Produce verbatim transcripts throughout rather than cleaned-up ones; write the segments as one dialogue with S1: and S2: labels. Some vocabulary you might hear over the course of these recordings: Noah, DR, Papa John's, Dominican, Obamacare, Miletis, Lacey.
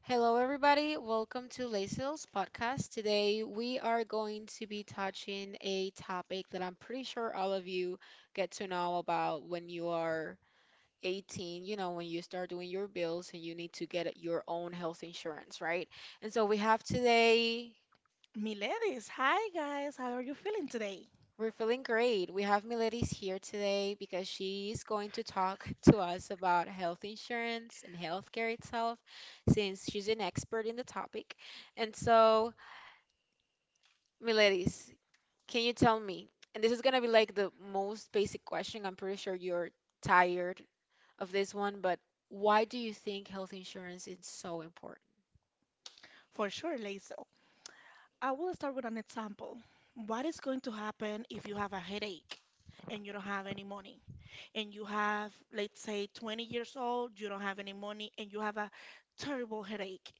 S1: Hello, everybody. Welcome to Lacey's podcast. Today, we are going to be touching a topic that I'm pretty sure all of you get to know about when you are eighteen, you know, when you start doing your bills and you need to get your own health insurance, right? And so, we have today,
S2: Miladies, hi guys, how are you feeling today?
S1: we're feeling great. We have Miletis here today because she is going to talk to us about health insurance and healthcare itself, since she's an expert in the topic. And so, Miletis, can you tell me? And this is gonna be like the most basic question. I'm pretty sure you're tired of this one, but why do you think health insurance is so important?
S2: For sure, Lazel. I will start with an example. What is going to happen if you have a headache and you don't have any money? And you have, let's say, twenty years old, you don't have any money, and you have a terrible headache.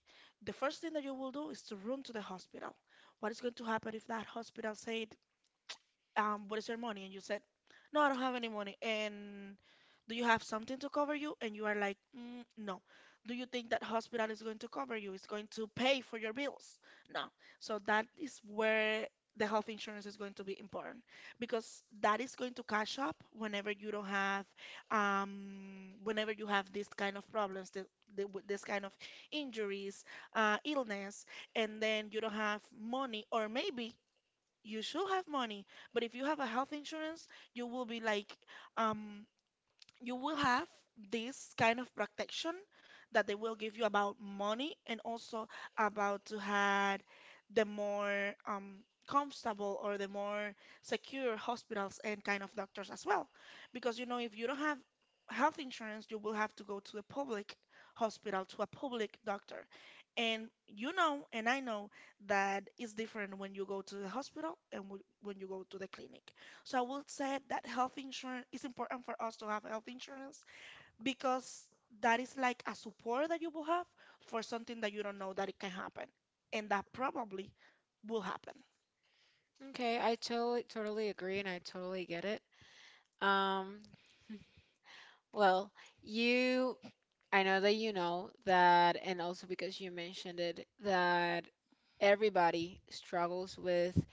S2: The first thing that you will do is to run to the hospital. What is going to happen if that hospital said, um, what is your money? And you said, no, I don't have any money. And do you have something to cover you? And you are like, mm, no. Do you think that hospital is going to cover you? It's going to pay for your bills? No. So that is where the health insurance is going to be important because that is going to cash up whenever you don't have, um, whenever you have this kind of problems, the, the, with this kind of injuries, uh, illness, and then you don't have money, or maybe you should have money, but if you have a health insurance you will be like, um you will have this kind of protection that they will give you about money, and also about to have the more um, comfortable or the more secure hospitals and kind of doctors as well. Because you know, if you don't have health insurance, you will have to go to a public hospital, to a public doctor. And you know, and I know that it's different when you go to the hospital and wh- when you go to the clinic. So I will say that health insurance is important for us to have health insurance because that is like a support that you will have for something that you don't know that it can happen and that probably will happen.
S1: Okay, I totally totally agree, and I totally get it. Um, well, you I know that you know that, and also because you mentioned it, that everybody struggles with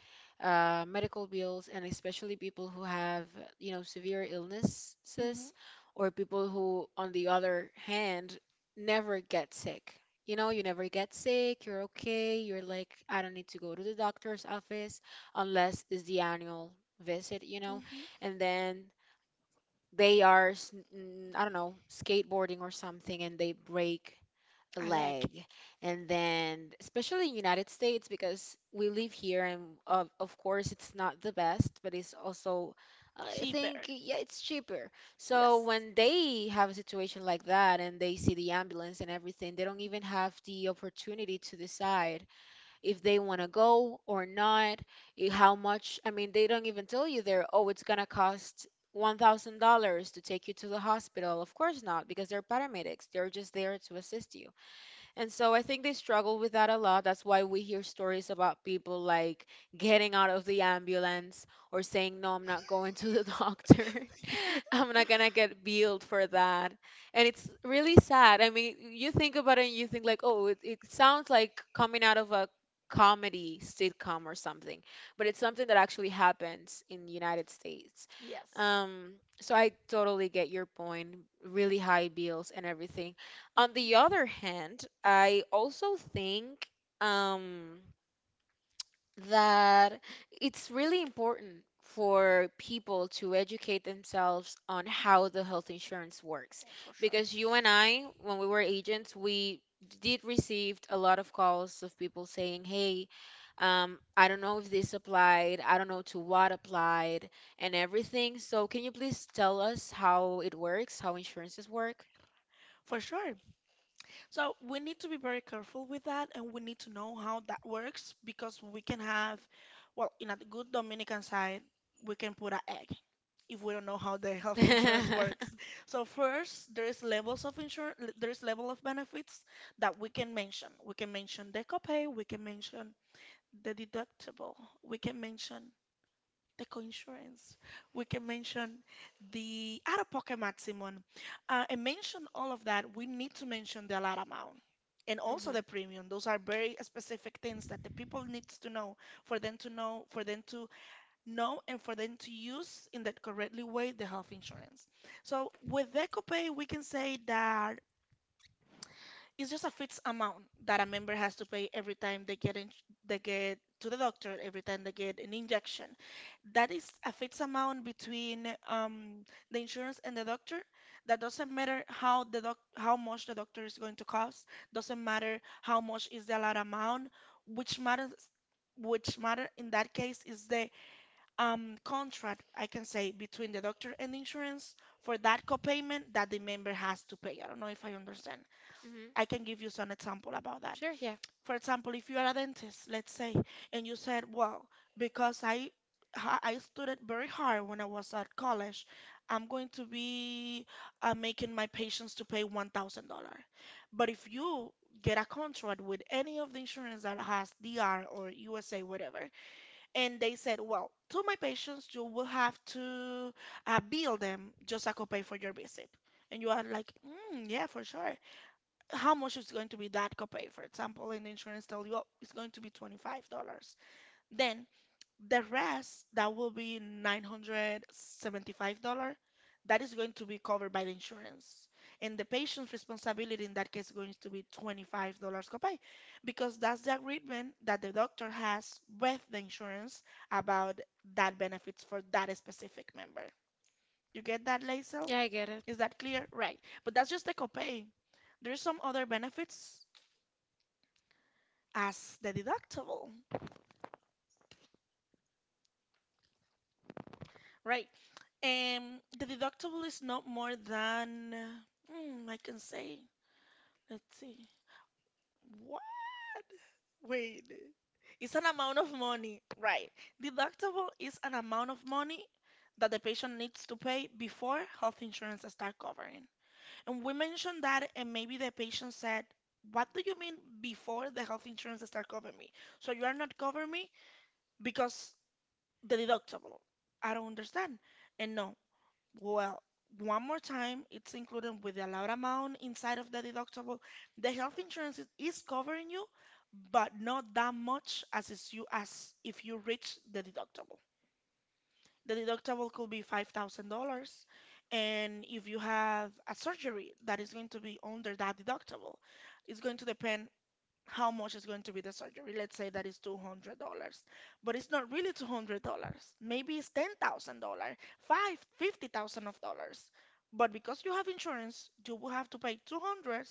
S1: uh, medical bills, and especially people who have, you know, severe illnesses,
S2: hmm
S1: or people who, on the other hand, never get sick. You know, you never get sick, you're okay, you're like, I don't need to go to the doctor's office unless it's the annual visit, you know.
S2: hmm
S1: And then they are s- mm, I don't know, skateboarding or something, and they break
S2: I like
S1: leg. And then, especially in United States, because we live here and of, of course it's not the best, but it's also, I think,
S2: cheaper.
S1: yeah, it's cheaper. So
S2: Yes.
S1: when they have a situation like that and they see the ambulance and everything, they don't even have the opportunity to decide if they want to go or not. I- how much? I mean, they don't even tell you there, oh, it's gonna cost one thousand dollars to take you to the hospital. Of course not, because they're paramedics, they're just there to assist you. And so I think they struggle with that a lot. That's why we hear stories about people like getting out of the ambulance or saying, no, I'm not going to the doctor. I'm not gonna get billed for that. And it's really sad. I mean, you think about it and you think like, oh, it, it sounds like coming out of a comedy sitcom or something, but it's something that actually happens in the United States.
S2: Yes.
S1: Um, so I totally get your point. Really high bills and everything. On
S2: Mhm.
S1: the other hand, I also think um that it's really important for people to educate themselves on how the health insurance works.
S2: For sure.
S1: Because you and I, when we were agents, we did receive a lot of calls of people saying, hey, um, I don't know if this applied, I don't know to what applied, and everything. So, can you please tell us how it works, how insurances work?
S2: For sure. So we need to be very careful with that, and we need to know how that works because we can have, well, in a good Dominican side, we can put an egg if we don't know how the health insurance
S1: Mhm.
S2: works. So first, there is levels of insurance, there is level of benefits that we can mention. We can mention the copay, we can mention the deductible, we can mention the coinsurance. We can mention the out-of-pocket maximum, uh, and mention all of that. We need to mention the allowed amount and also the premium. Those are very specific things that the people needs to know for them to know, for them to know, and for them to use in that correctly way the health insurance. So with EcoPay, we can say that it's just a fixed amount that a member has to pay every time they get in, they get to the doctor, every time they get an injection. That is a fixed amount between um, the insurance and the doctor. That doesn't matter how the doc how much the doctor is going to cost. Doesn't matter how much is the allowed amount. Which matters, which matter in that case is the um, contract I can say between the doctor and the insurance for that copayment that the member has to pay. I don't know if I understand.
S1: Hmm.
S2: I can give you some example about that.
S1: Sure, yeah.
S2: For example, if you are a dentist, let's say, and you said, "Well, because I ha- I studied very hard when I was at college, I'm going to be uh, making my patients to pay one thousand dollar." But if you get a contract with any of the insurance that has D R or U S A, whatever, and they said, "Well, to my patients, you will have to uh, bill them just a copay for your visit," and you are like, mm, "Yeah, for sure." How much is going to be that copay, for example? And the insurance tell you, oh, it's going to be twenty-five dollars. Then the rest that will be nine hundred seventy-five dollars, that is going to be covered by the insurance, and the patient's responsibility in that case is going to be twenty-five dollars copay because that's the agreement that the doctor has with the insurance about that benefits for that specific member. You get that, Laisel?
S1: Yeah, I get it.
S2: Is that clear, right? But that's just the copay. There's some other benefits as the deductible, right? And the deductible is not more than, mm, I can say, let's see, what? Wait, it's an amount of money, right? Deductible is an amount of money that the patient needs to pay before health insurance start covering. And we mentioned that, and maybe the patient said, "What do you mean before the health insurance start covering me? So you are not covering me because the deductible." I don't understand. And no, well, one more time, it's included with the allowed amount inside of the deductible. The health insurance is, is covering you, but not that much as is you as if you reach the deductible. The deductible could be five thousand dollars and if you have a surgery that is going to be under that deductible, it's going to depend how much is going to be the surgery. Let's say that is two hundred dollars but it's not really two hundred dollars. Maybe it's ten thousand dollars five, fifty thousand of dollars. But because you have insurance, you will have to pay two hundred,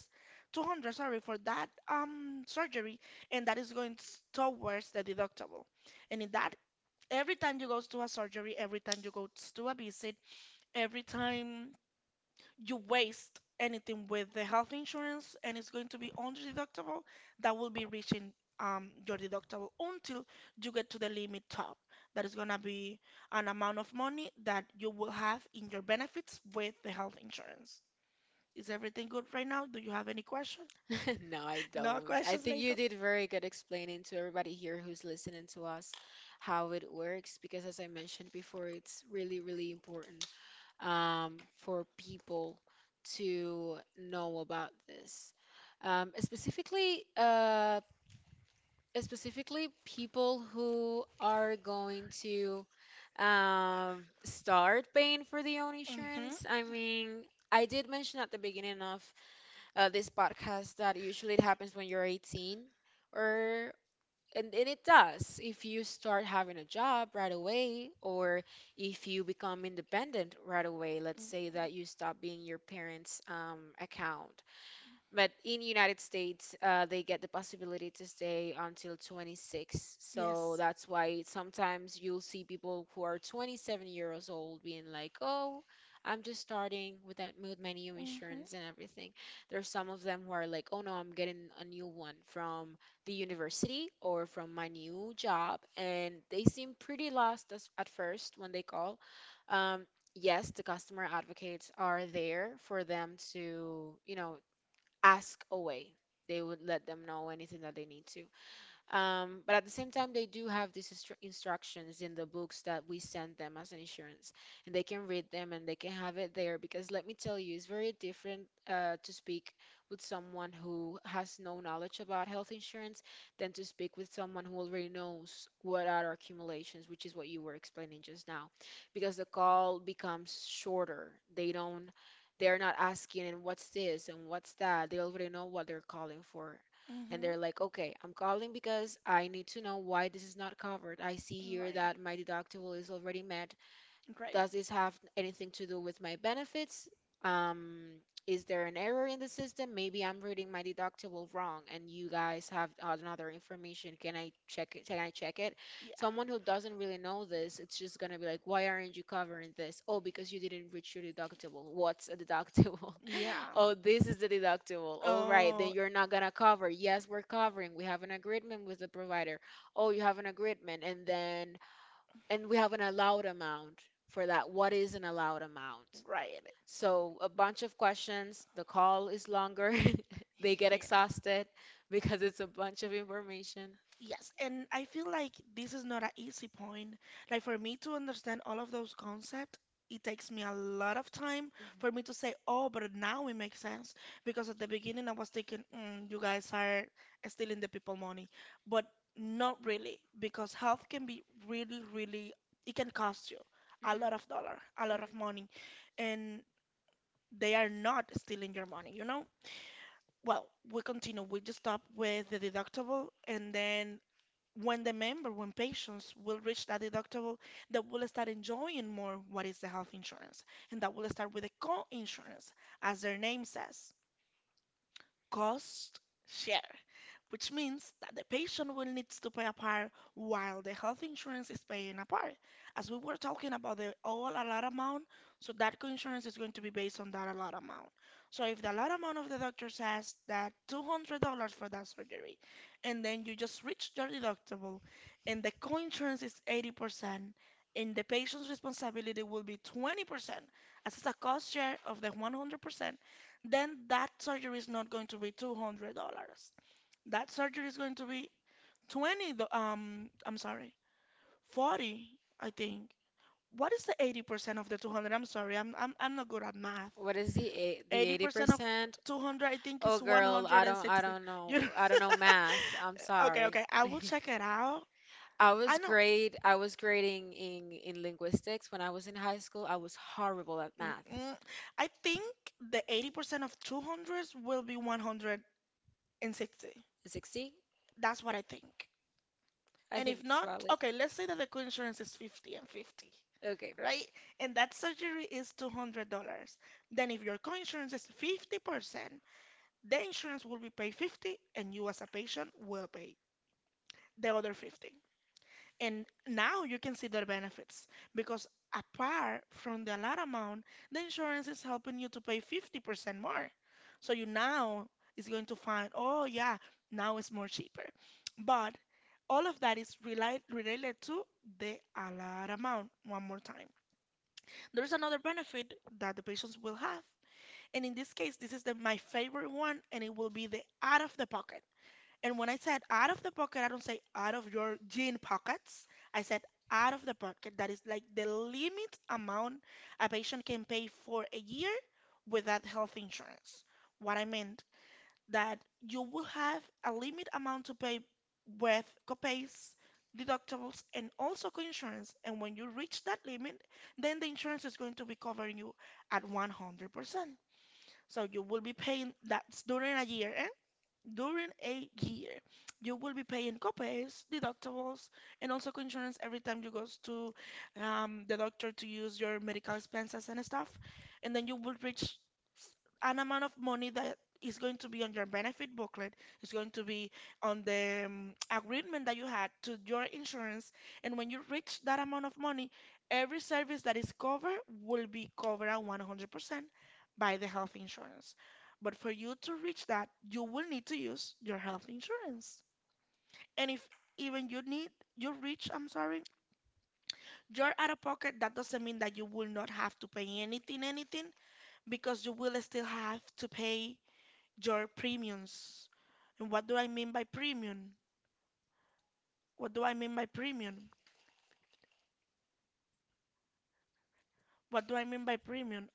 S2: two hundred sorry, for that um surgery, and that is going s- towards the deductible. And in that, every time you go to a surgery, every time you go to a visit, every time you waste anything with the health insurance and it's going to be under deductible, that will be reaching um, your deductible until you get to the limit top. That is going to be an amount of money that you will have in your benefits with the health insurance. Is everything good right now? Do you have any questions?
S1: No, I
S2: No
S1: don't. I
S2: questions,
S1: think you
S2: Lisa?
S1: did very good explaining to everybody here who's listening to us how it works because, as I mentioned before, it's really, really important um, for people to know about this. Um, specifically, uh, specifically people who are going to um, start paying for the own
S2: Hmm.
S1: insurance. I mean, I did mention at the beginning of uh, this podcast that usually it happens when you're eighteen or, and, and it does if you start having a job right away, or if you become independent right away. Let's
S2: Mm.
S1: say that you stop being your parents' um, account, but in United States, uh, they get the possibility to stay until twenty-six. So
S2: Yes.
S1: that's why sometimes you'll see people who are twenty-seven years old being like, "Oh, I'm just starting with that with my new
S2: Mm-hmm.
S1: insurance and everything." There's some of them who are like, "Oh no, I'm getting a new one from the university or from my new job," and they seem pretty lost as, at first when they call. Um, yes, the customer advocates are there for them to, you know, ask away. They would let them know anything that they need to. Um, but at the same time, they do have these instru- instructions in the books that we send them as an insurance, and they can read them and they can have it there. Because let me tell you, it's very different uh, to speak with someone who has no knowledge about health insurance than to speak with someone who already knows what are accumulations, which is what you were explaining just now. Because the call becomes shorter. They don't they're not asking and what's this and what's that, they already know what they're calling for, and
S2: Mm-hmm.
S1: they're like, okay, I'm calling because I need to know why this is not covered. I see here
S2: Right.
S1: that my deductible is already met.
S2: Right.
S1: Does this have anything to do with my benefits? Um, is there an error in the system? Maybe I'm reading my deductible wrong and you guys have another information. Can I check it? Can I check it?
S2: Yeah.
S1: Someone who doesn't really know this, it's just gonna be like, why aren't you covering this? Oh, because you didn't reach your deductible. What's a deductible?
S2: Yeah.
S1: Oh, this is the deductible. All right, then
S2: Oh,
S1: you're not gonna cover. Yes, we're covering. We have an agreement with the provider. Oh, you have an agreement, and then and we have an allowed amount for that. What is an allowed amount?
S2: right.
S1: So, a bunch of questions. The call is longer. They get
S2: Yeah.
S1: exhausted because it's a bunch of information.
S2: Yes, and I feel like this is not an easy point. Like for me to understand all of those concepts, it takes me a lot of time
S1: Mhm,
S2: for me to say, oh, but now it makes sense. Because at the beginning I was thinking, mm, you guys are stealing the people money. But not really, because health can be really, really, it can cost you a lot of dollar, a lot
S1: mhm.
S2: of money. And they are not stealing your money, you know? Well, we continue. We just stop with the deductible, and then when the member, when patients will reach that deductible, they will start enjoying more what is the health insurance. And that will start with the co insurance, as their name says, cost share, which means that the patient will need to pay a part while the health insurance is paying a part. As we were talking about the all allowed amount, so that coinsurance is going to be based on that allowed amount. So if the allowed amount of the doctor says that two hundred dollars for that surgery, and then you just reach your deductible, and the coinsurance is eighty percent, and the patient's responsibility will be twenty percent, as it's a cost share of the one hundred percent, then that surgery is not going to be two hundred dollars. That surgery is going to be twenty, the- um, I'm sorry, forty, I think. What is the eighty percent of the two hundred? I'm sorry, I'm, I'm, I'm not good at math.
S1: What is the eight, the
S2: eighty percent of
S1: eighty percent?
S2: two hundred, I think,
S1: Oh,
S2: is
S1: girl, I don't I
S2: one hundred sixty.
S1: don't know.
S2: You know?
S1: I don't know math. I'm
S2: Okay,
S1: sorry.
S2: okay, I will check it out.
S1: I
S2: I
S1: was
S2: know.
S1: great. I was grading in in linguistics when I was in high school. I was horrible at math.
S2: Mm, I think the eighty percent of two hundreds will be one hundred sixty.
S1: sixty?
S2: That's what I think.
S1: I
S2: And
S1: think
S2: if
S1: it's
S2: not,
S1: valid.
S2: okay, let's say that the co-insurance is fifty and fifty,
S1: Okay.
S2: right? And that surgery is two hundred dollars. Then if your co-insurance is fifty percent, the insurance will be paid fifty, and you as a patient will pay the other fifty. And now you can see their benefits because apart from the allowed amount, the insurance is helping you to pay fifty percent more. So you now is going to find, oh yeah, now it's more cheaper. But all of that is reli- related to the allowed amount. One more time. There's another benefit that the patients will have. And in this case, this is the, my favorite one, and it will be the out of the pocket. And when I said out of the pocket, I don't say out of your jean pockets. I said out of the pocket. That is like the limit amount a patient can pay for a year without health insurance. What I meant that you will have a limit amount to pay with copays, deductibles, and also coinsurance. And when you reach that limit, then the insurance is going to be covering you at one hundred percent. So you will be paying that's during a year, eh? During a year, you will be paying copays, deductibles, and also coinsurance every time you goes to um, the doctor to use your medical expenses and stuff. And then you will reach an amount of money that is going to be on your benefit booklet. It's going to be on the um, agreement that you had to your insurance. And when you reach that amount of money, every service that is covered will be covered at one hundred percent by the health insurance. But for you to reach that, you will need to use your health insurance. And if even you need, you reach, I'm sorry, you're out of pocket, that doesn't mean that you will not have to pay anything, anything, because you will still have to pay your premiums. And what do I mean by premium? What do I mean by premium? What do I mean by premium?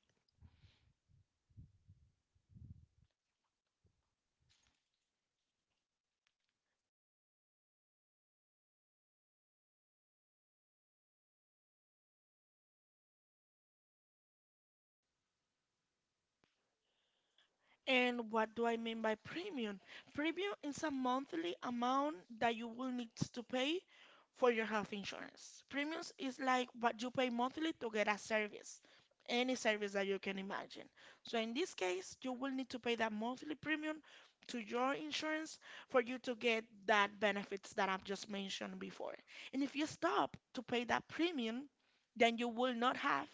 S2: And what do I mean by premium? Premium is a monthly amount that you will need to pay for your health insurance. Premiums is like what you pay monthly to get a service, any service that you can imagine. So in this case, you will need to pay that monthly premium to your insurance for you to get that benefits that I've just mentioned before. And if you stop to pay that premium, then you will not have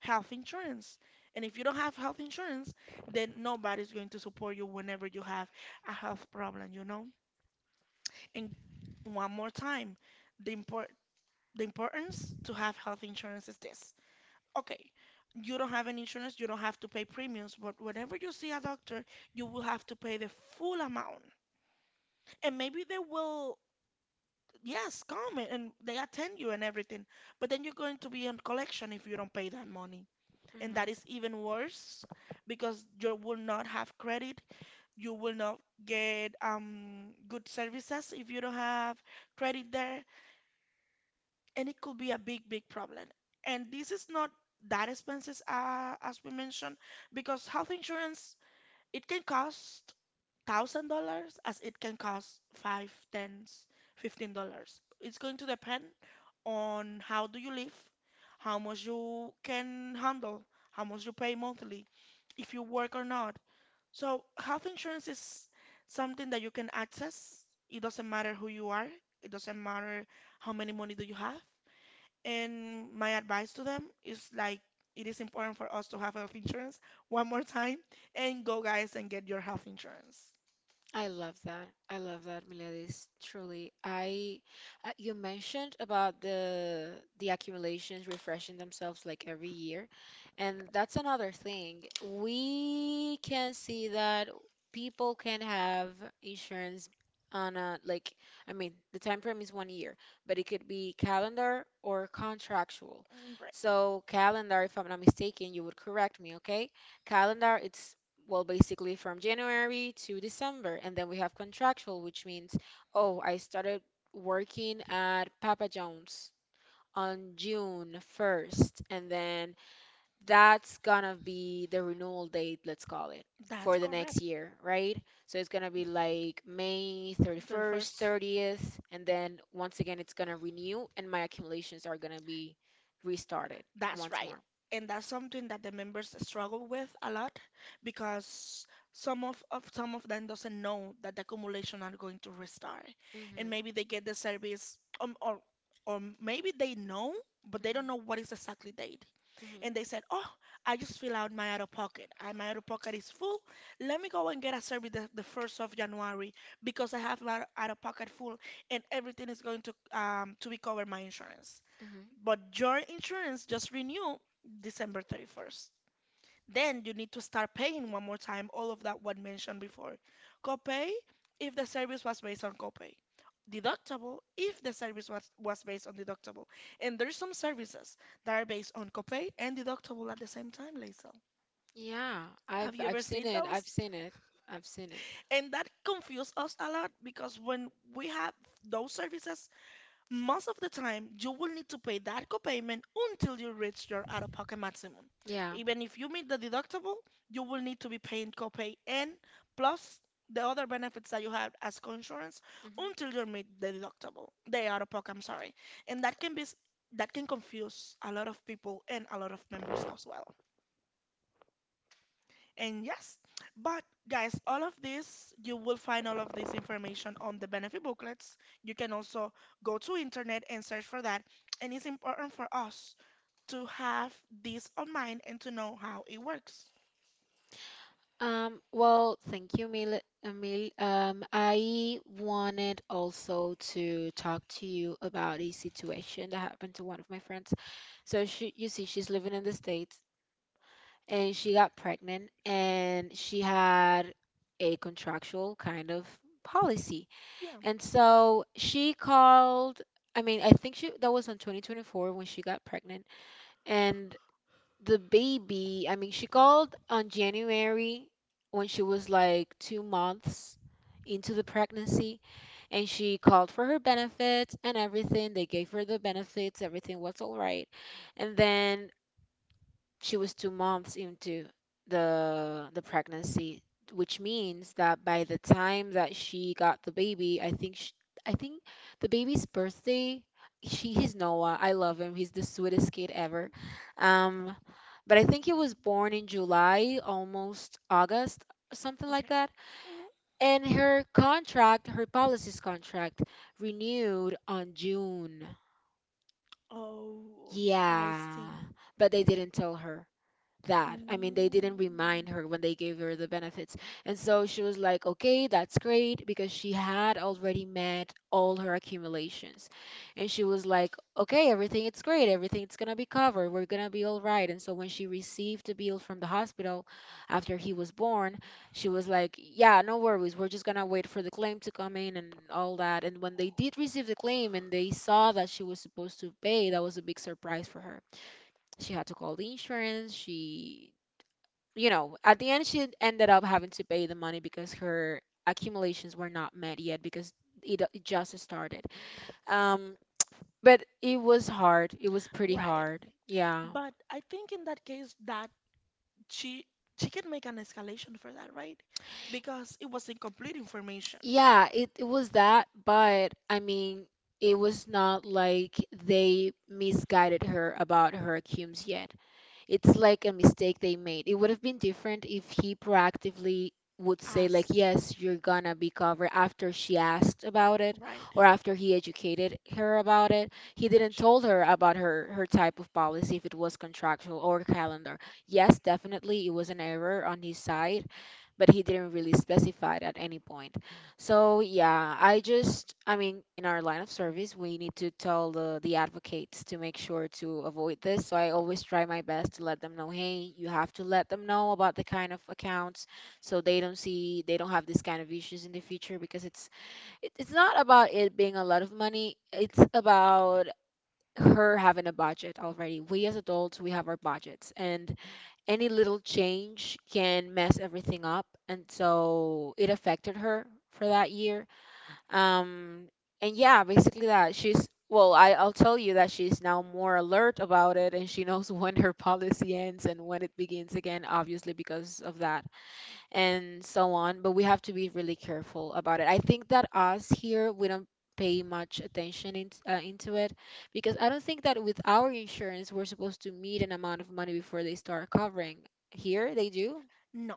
S2: health insurance. And if you don't have health insurance, then nobody's going to support you whenever you have a health problem, you know? And one more time, the import the importance to have health insurance is this. Okay, you don't have an insurance, you don't have to pay premiums, but whenever you see a doctor, you will have to pay the full amount. And maybe they will, yes, come and and they attend you and everything, but then you're going to be in collection if you don't pay that money. And
S1: Hmm.
S2: that is even worse because you will not have credit. You will not get um, good services if you don't have credit there. And it could be a big, big problem. And this is not that expensive, uh, as we mentioned, because health insurance, it can cost thousand dollars as it can cost five, tens, fifteen dollars. It's going to depend on how do you live, how much you can handle, how much you pay monthly, if you work or not. So health insurance is something that you can access. It doesn't matter who you are. It doesn't matter how many money do you have. And my advice to them is like it is important for us to have health insurance one more time and go guys and get your health insurance.
S1: I love that. I love that, Miladis. Truly, I uh, you mentioned about the the accumulations refreshing themselves like every year, and that's another thing. We can see that people can have insurance on a like I mean, the time frame is one year, but it could be calendar or contractual.
S2: Mm, right.
S1: So calendar, if I'm not mistaken, you would correct me, okay? Calendar, it's well, basically from January to December. And then we have contractual, which means, oh, I started working at Papa John's on June first. And then that's gonna be the renewal date, let's call it,
S2: That's
S1: for the next
S2: correct.
S1: year, right? So it's gonna be like May
S2: The
S1: 31st,
S2: first.
S1: thirtieth. And then once again, it's gonna renew, and my accumulations are gonna be restarted
S2: That's
S1: once
S2: right.
S1: more.
S2: And that's something that the members struggle with a lot because some of, of some of them doesn't know that the accumulation are going to restart. And
S1: Hmm.
S2: maybe they get the service um, or or maybe they know, but they don't know what is exactly date. And they said,
S1: Hmm.
S2: "Oh, I just fill out my out of pocket. I, my out of pocket is full. Let me go and get a survey the, the first of January because I have my out of pocket full, and everything is going to um to be covered my insurance.
S1: Hmm.
S2: But your insurance just renew December thirty-first, then you need to start paying one more time all of that what mentioned before. Copay if the service was based on copay. Deductible if the service was, was based on deductible. And there's some services that are based on copay and deductible at the same time, Laisel.
S1: Yeah, I've
S2: Have you
S1: I've
S2: ever
S1: seen
S2: seen
S1: it. I've
S2: those?
S1: seen it. I've seen it.
S2: And that confused us a lot because when we have those services, most of the time, you will need to pay that copayment until you reach your out of pocket maximum.
S1: Yeah.
S2: Even if you meet the deductible, you will need to be paying copay and plus the other benefits that you have as coinsurance
S1: Mhm.
S2: until you meet the deductible, the out of pocket, I'm sorry. And that can be s- that can confuse a lot of people and a lot of members as well. And yes, but guys, all of this, you will find all of this information on the benefit booklets. You can also go to internet and search for that. And it's important for us to have this on mind and to know how it works.
S1: Um, well, thank you, Mil Emil. Um, I wanted also to talk to you about a situation that happened to one of my friends. So she, you see, she's living in the States and she got pregnant and she had a contractual kind of policy.
S2: Yeah,
S1: And so she called, I mean, I think she that was on twenty twenty-four when she got pregnant, and the baby, I mean, she called on January when she was like two months into the pregnancy, and she called for her benefits and everything. They gave her the benefits, everything was all right. And then she was two months into the the pregnancy, which means that by the time that she got the baby, I think sh I think the baby's birthday, she he's Noah. I love him. He's the sweetest kid ever. Um, but I think he was born in July, almost August, something like
S2: okay.
S1: that.
S2: Mhm.
S1: And her contract, her policies contract, renewed on June.
S2: Oh, I
S1: Yeah,
S2: see.
S1: but they didn't tell her that. I mean, they didn't remind
S2: Mm.
S1: her when they gave her the benefits. And so she was like, okay, that's great, because she had already met all her accumulations. And she was like, okay, everything it's great, everything's gonna be covered, we're gonna be all right. And so when she received the bill from the hospital after he was born, she was like, yeah, no worries, we're just gonna wait for the claim to come in and all that. And when they did receive the claim and they saw that she was supposed to pay, that was a big surprise for her. She had to call the insurance. She You know, at the end, she ended up having to pay the money because her accumulations were not met yet because it, uh, it just started. Um, but it was hard. It was pretty
S2: Right.
S1: hard. Yeah.
S2: But I think in that case that she she can make an escalation for that, right? Because it was incomplete information.
S1: Yeah, it, it was that, but I mean, it was not like they misguided her about her cumes yet. It's like a mistake they made. It would have been different if he proactively would say like,
S2: Ask.
S1: "Yes, you're gonna be covered," after she asked about it,
S2: Right.
S1: or after he educated her about it. He didn't
S2: That's
S1: told her about her her type of policy, if it was contractual or calendar. Yes, definitely it was an error on his side, but he didn't really specify it at any point. So yeah, I just I mean in our line of service we need to tell the the advocates to make sure to avoid this. So I always try my best to let them know, "Hey, you have to let them know about the kind of accounts so they don't see they don't have this kind of issues in the future." Because it's it, it's not about it being a lot of money. It's about her having a budget already. We as adults, we have our budgets, and any little change can mess everything up. And so it affected her for that year. um, and yeah, basically, that she's, well, I, I'll tell you that she's now more alert about it, and she knows when her policy ends and when it begins again, obviously because of that and so on. But we have to be really careful about it. I think that us here, we don't pay much attention in, uh, into it, because I don't think that with our insurance, we're supposed to meet an amount of money before they start covering. Here they do,
S2: no.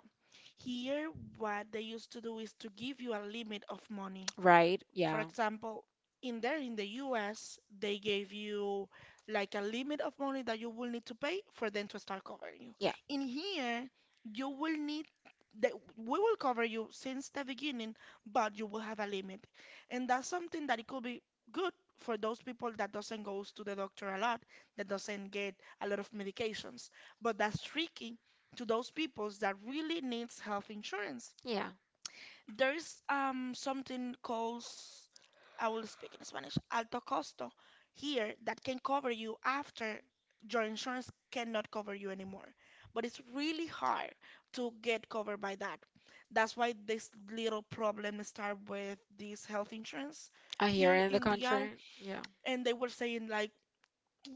S2: Here, what they used to do is to give you a limit of money.
S1: right?
S2: For
S1: Yeah.
S2: example, in there in the U S, they gave you like a limit of money that you will need to pay for them to start covering you.
S1: Yeah,
S2: In here, you will need that we will cover you since the beginning, but you will have a limit. And that's something that it could be good for those people that doesn't goes to the doctor a lot, that doesn't get a lot of medications. But that's tricky to those people that really needs health insurance.
S1: yeah.
S2: There is um something called, I will speak in Spanish, alto costo here, that can cover you after your insurance cannot cover you anymore. But it's really hard to get covered by that. That's why this little problem start with this health insurance
S1: I hear
S2: here
S1: in the
S2: in the E R,
S1: country. Yeah.
S2: and they were saying like,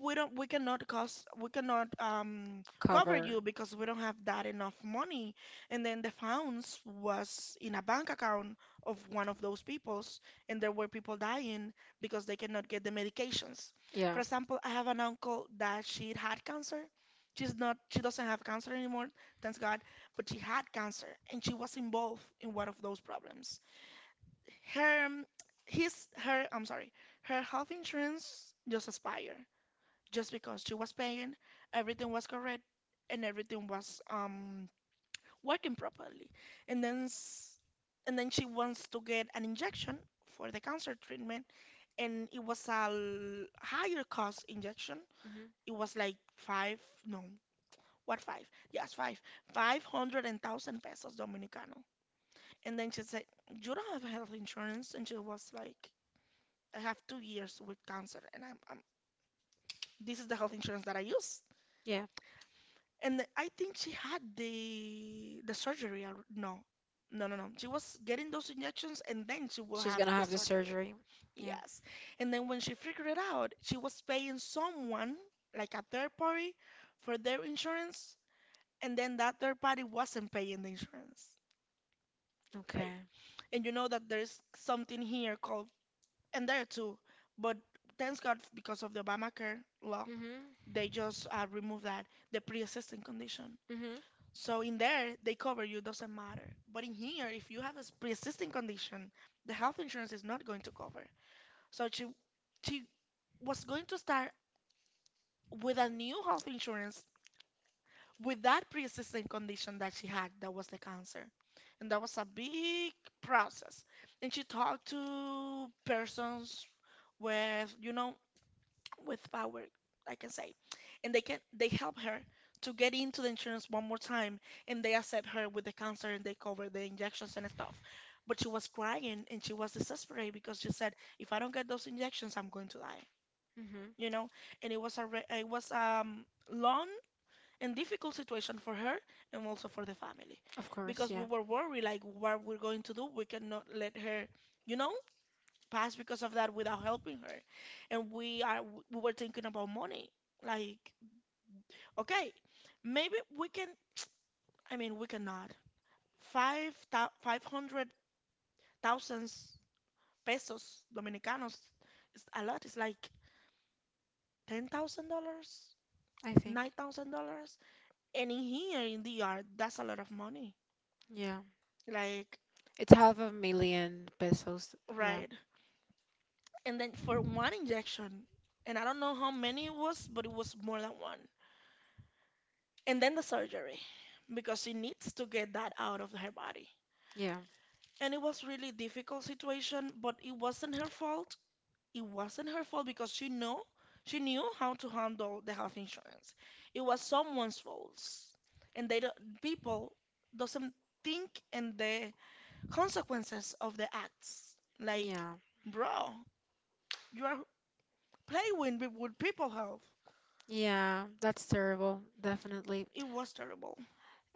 S2: we don't, we cannot cost, we cannot um cover
S1: Cover.
S2: you because we don't have that enough money, and then the funds was in a bank account of one of those peoples, and there were people dying because they cannot get the medications.
S1: Yeah.
S2: For example, I have an uncle that she had cancer. She's not, she doesn't have cancer anymore, thanks God. But she had cancer and she was involved in one of those problems. Her, his, her, I'm sorry, her health insurance just expired, just because she was paying, everything was correct, and everything was um working properly. And then s- and then she wants to get an injection for the cancer treatment, and it was a l- higher cost injection.
S1: Hmm.
S2: It was like five, no, what five? Yes, five, five hundred and thousand pesos Dominicano. And then she said, "You don't have health insurance," and she was like, "I have two years with cancer, and I'm, I'm this is the health insurance that I use."
S1: Yeah.
S2: And th- I think she had the the surgery. alre- No, no, no, no. She was getting those injections, and then she will
S1: She's
S2: have
S1: gonna
S2: the
S1: have the
S2: surgery.
S1: surgery. Yeah.
S2: Yes, and then when she figured it out, she was paying someone like a third party for their insurance, and then that third party wasn't paying the insurance, right?
S1: Okay.
S2: And you know that there's something here called, and there too, but thanks God, because of the Obamacare law,
S1: Mhm.
S2: they just uh, removed that, the pre-existing condition.
S1: Mhm.
S2: So in there, they cover you, doesn't matter. But in here, if you have a s- pre-existing condition, the health insurance is not going to cover. So she she was going to start with a new health insurance with that pre-existing condition that she had, that was the cancer. And that was a big process. And she talked to persons with, you know, with power, like I can say. And they can they help her to get into the insurance one more time, and they accept her with the cancer and they cover the injections and stuff. But she was crying and she was desperate because she said, if I don't get those injections, I'm going to die.
S1: Mhm.
S2: You know, and it was a re- it was um long and difficult situation for her and also for the family
S1: Of course.
S2: because we
S1: Yeah.
S2: were worried like what we're going to do. We cannot let her, you know, pass because of that without helping her. And we are we were thinking about money. Like, okay, maybe we can. I mean, we cannot. Five thou- five hundred thousands pesos dominicanos is a lot. It's like ten thousand dollars,
S1: I think.
S2: nine thousand dollars, and in here in the yard, that's a lot of money.
S1: Yeah.
S2: Like,
S1: It's half a million pesos. Yeah.
S2: right? And then for one injection, and I don't know how many it was, but it was more than one. And then the surgery, because she needs to get that out of her body,
S1: Yeah.
S2: and it was really difficult situation. But it wasn't her fault, it wasn't her fault, because she know she knew how to handle the health insurance. It was someone's fault, and they don't, people doesn't think in the consequences of the acts. Like,
S1: Yeah.
S2: bro, you are playing with, with people health.
S1: Yeah. That's terrible. Definitely.
S2: It was terrible.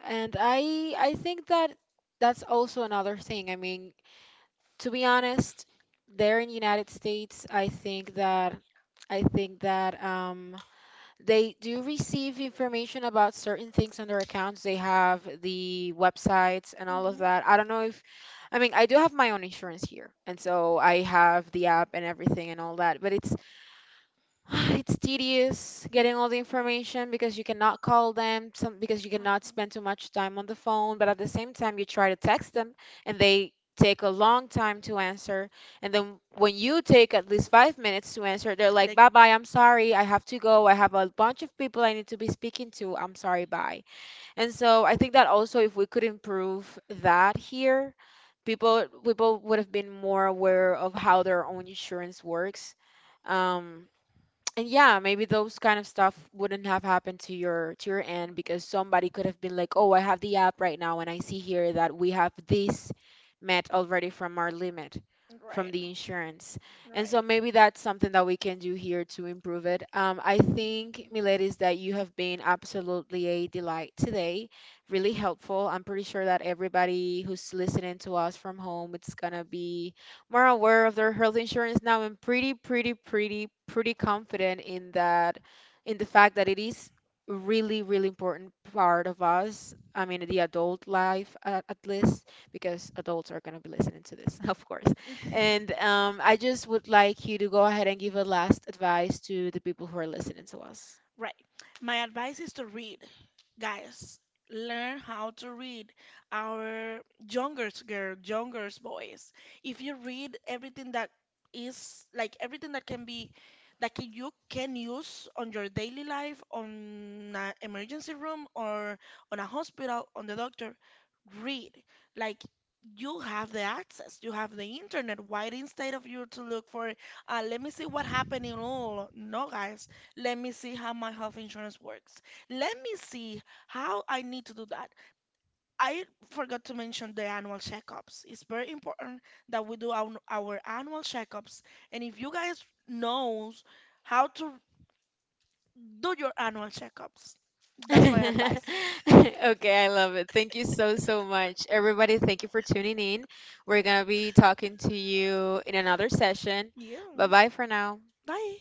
S1: And I I think that that's also another thing. I mean, to be honest, there in United States, I think that I think that um, they do receive information about certain things on their accounts. They have the websites and all of
S2: Mm-hmm.
S1: that. I don't know if, I mean, I do have my own insurance here, and so I have the app and everything and all that. But it's it's tedious getting all the information, because you cannot call them, some, because you cannot
S2: Uh-huh.
S1: spend too much time on the phone, but at the same time you try to text them and they take a long time to answer. And then when you take at least five minutes to answer, they're like,
S2: They. Mm.
S1: "Bye bye, I'm sorry, I have to go. I have a bunch of people I need to be speaking to. I'm sorry, bye." And so I think that also if we could improve that here, people people would have been more aware of how their own insurance works. Um, and yeah, maybe those kind of stuff wouldn't have happened to your to your end, because somebody could have been like, "Oh, I have the app right now and I see here that we have this met already from our limit from
S2: Right,
S1: the insurance." And so
S2: right.
S1: maybe that's something that we can do here to improve it. Um, I think, Miletis, that you have been absolutely a delight today, really helpful. I'm pretty sure that everybody who's listening to us from home, it's gonna be more aware of their health insurance now, and pretty, pretty, pretty, pretty confident in that, in the fact that it is really, really important part of us. I mean, the adult life, at, at least, because adults are going to be listening to this, of course. And um, I just would like you to go ahead and give a last advice to the people who are listening to us.
S2: Right. My advice is to read, guys. Learn how to read our younger girl, younger boys. If you read everything that is like everything that can be that can, you can use on your daily life, on an emergency room or on a hospital, on the doctor, read. Like, you have the access, you have the internet. Why instead of you to look for, uh, let me see what happened in all? No, guys, let me see how my health insurance works. Let me see how I need to do that. I forgot to mention the annual checkups. It's very important that we do our, our annual checkups. And if you guys knows how to do your annual checkups, that's my advice.
S1: Okay, I love it. Thank you so, so much. Everybody, thank you for tuning in. We're going to be talking to you in another session.
S2: Yeah.
S1: Bye bye for now.
S2: Bye.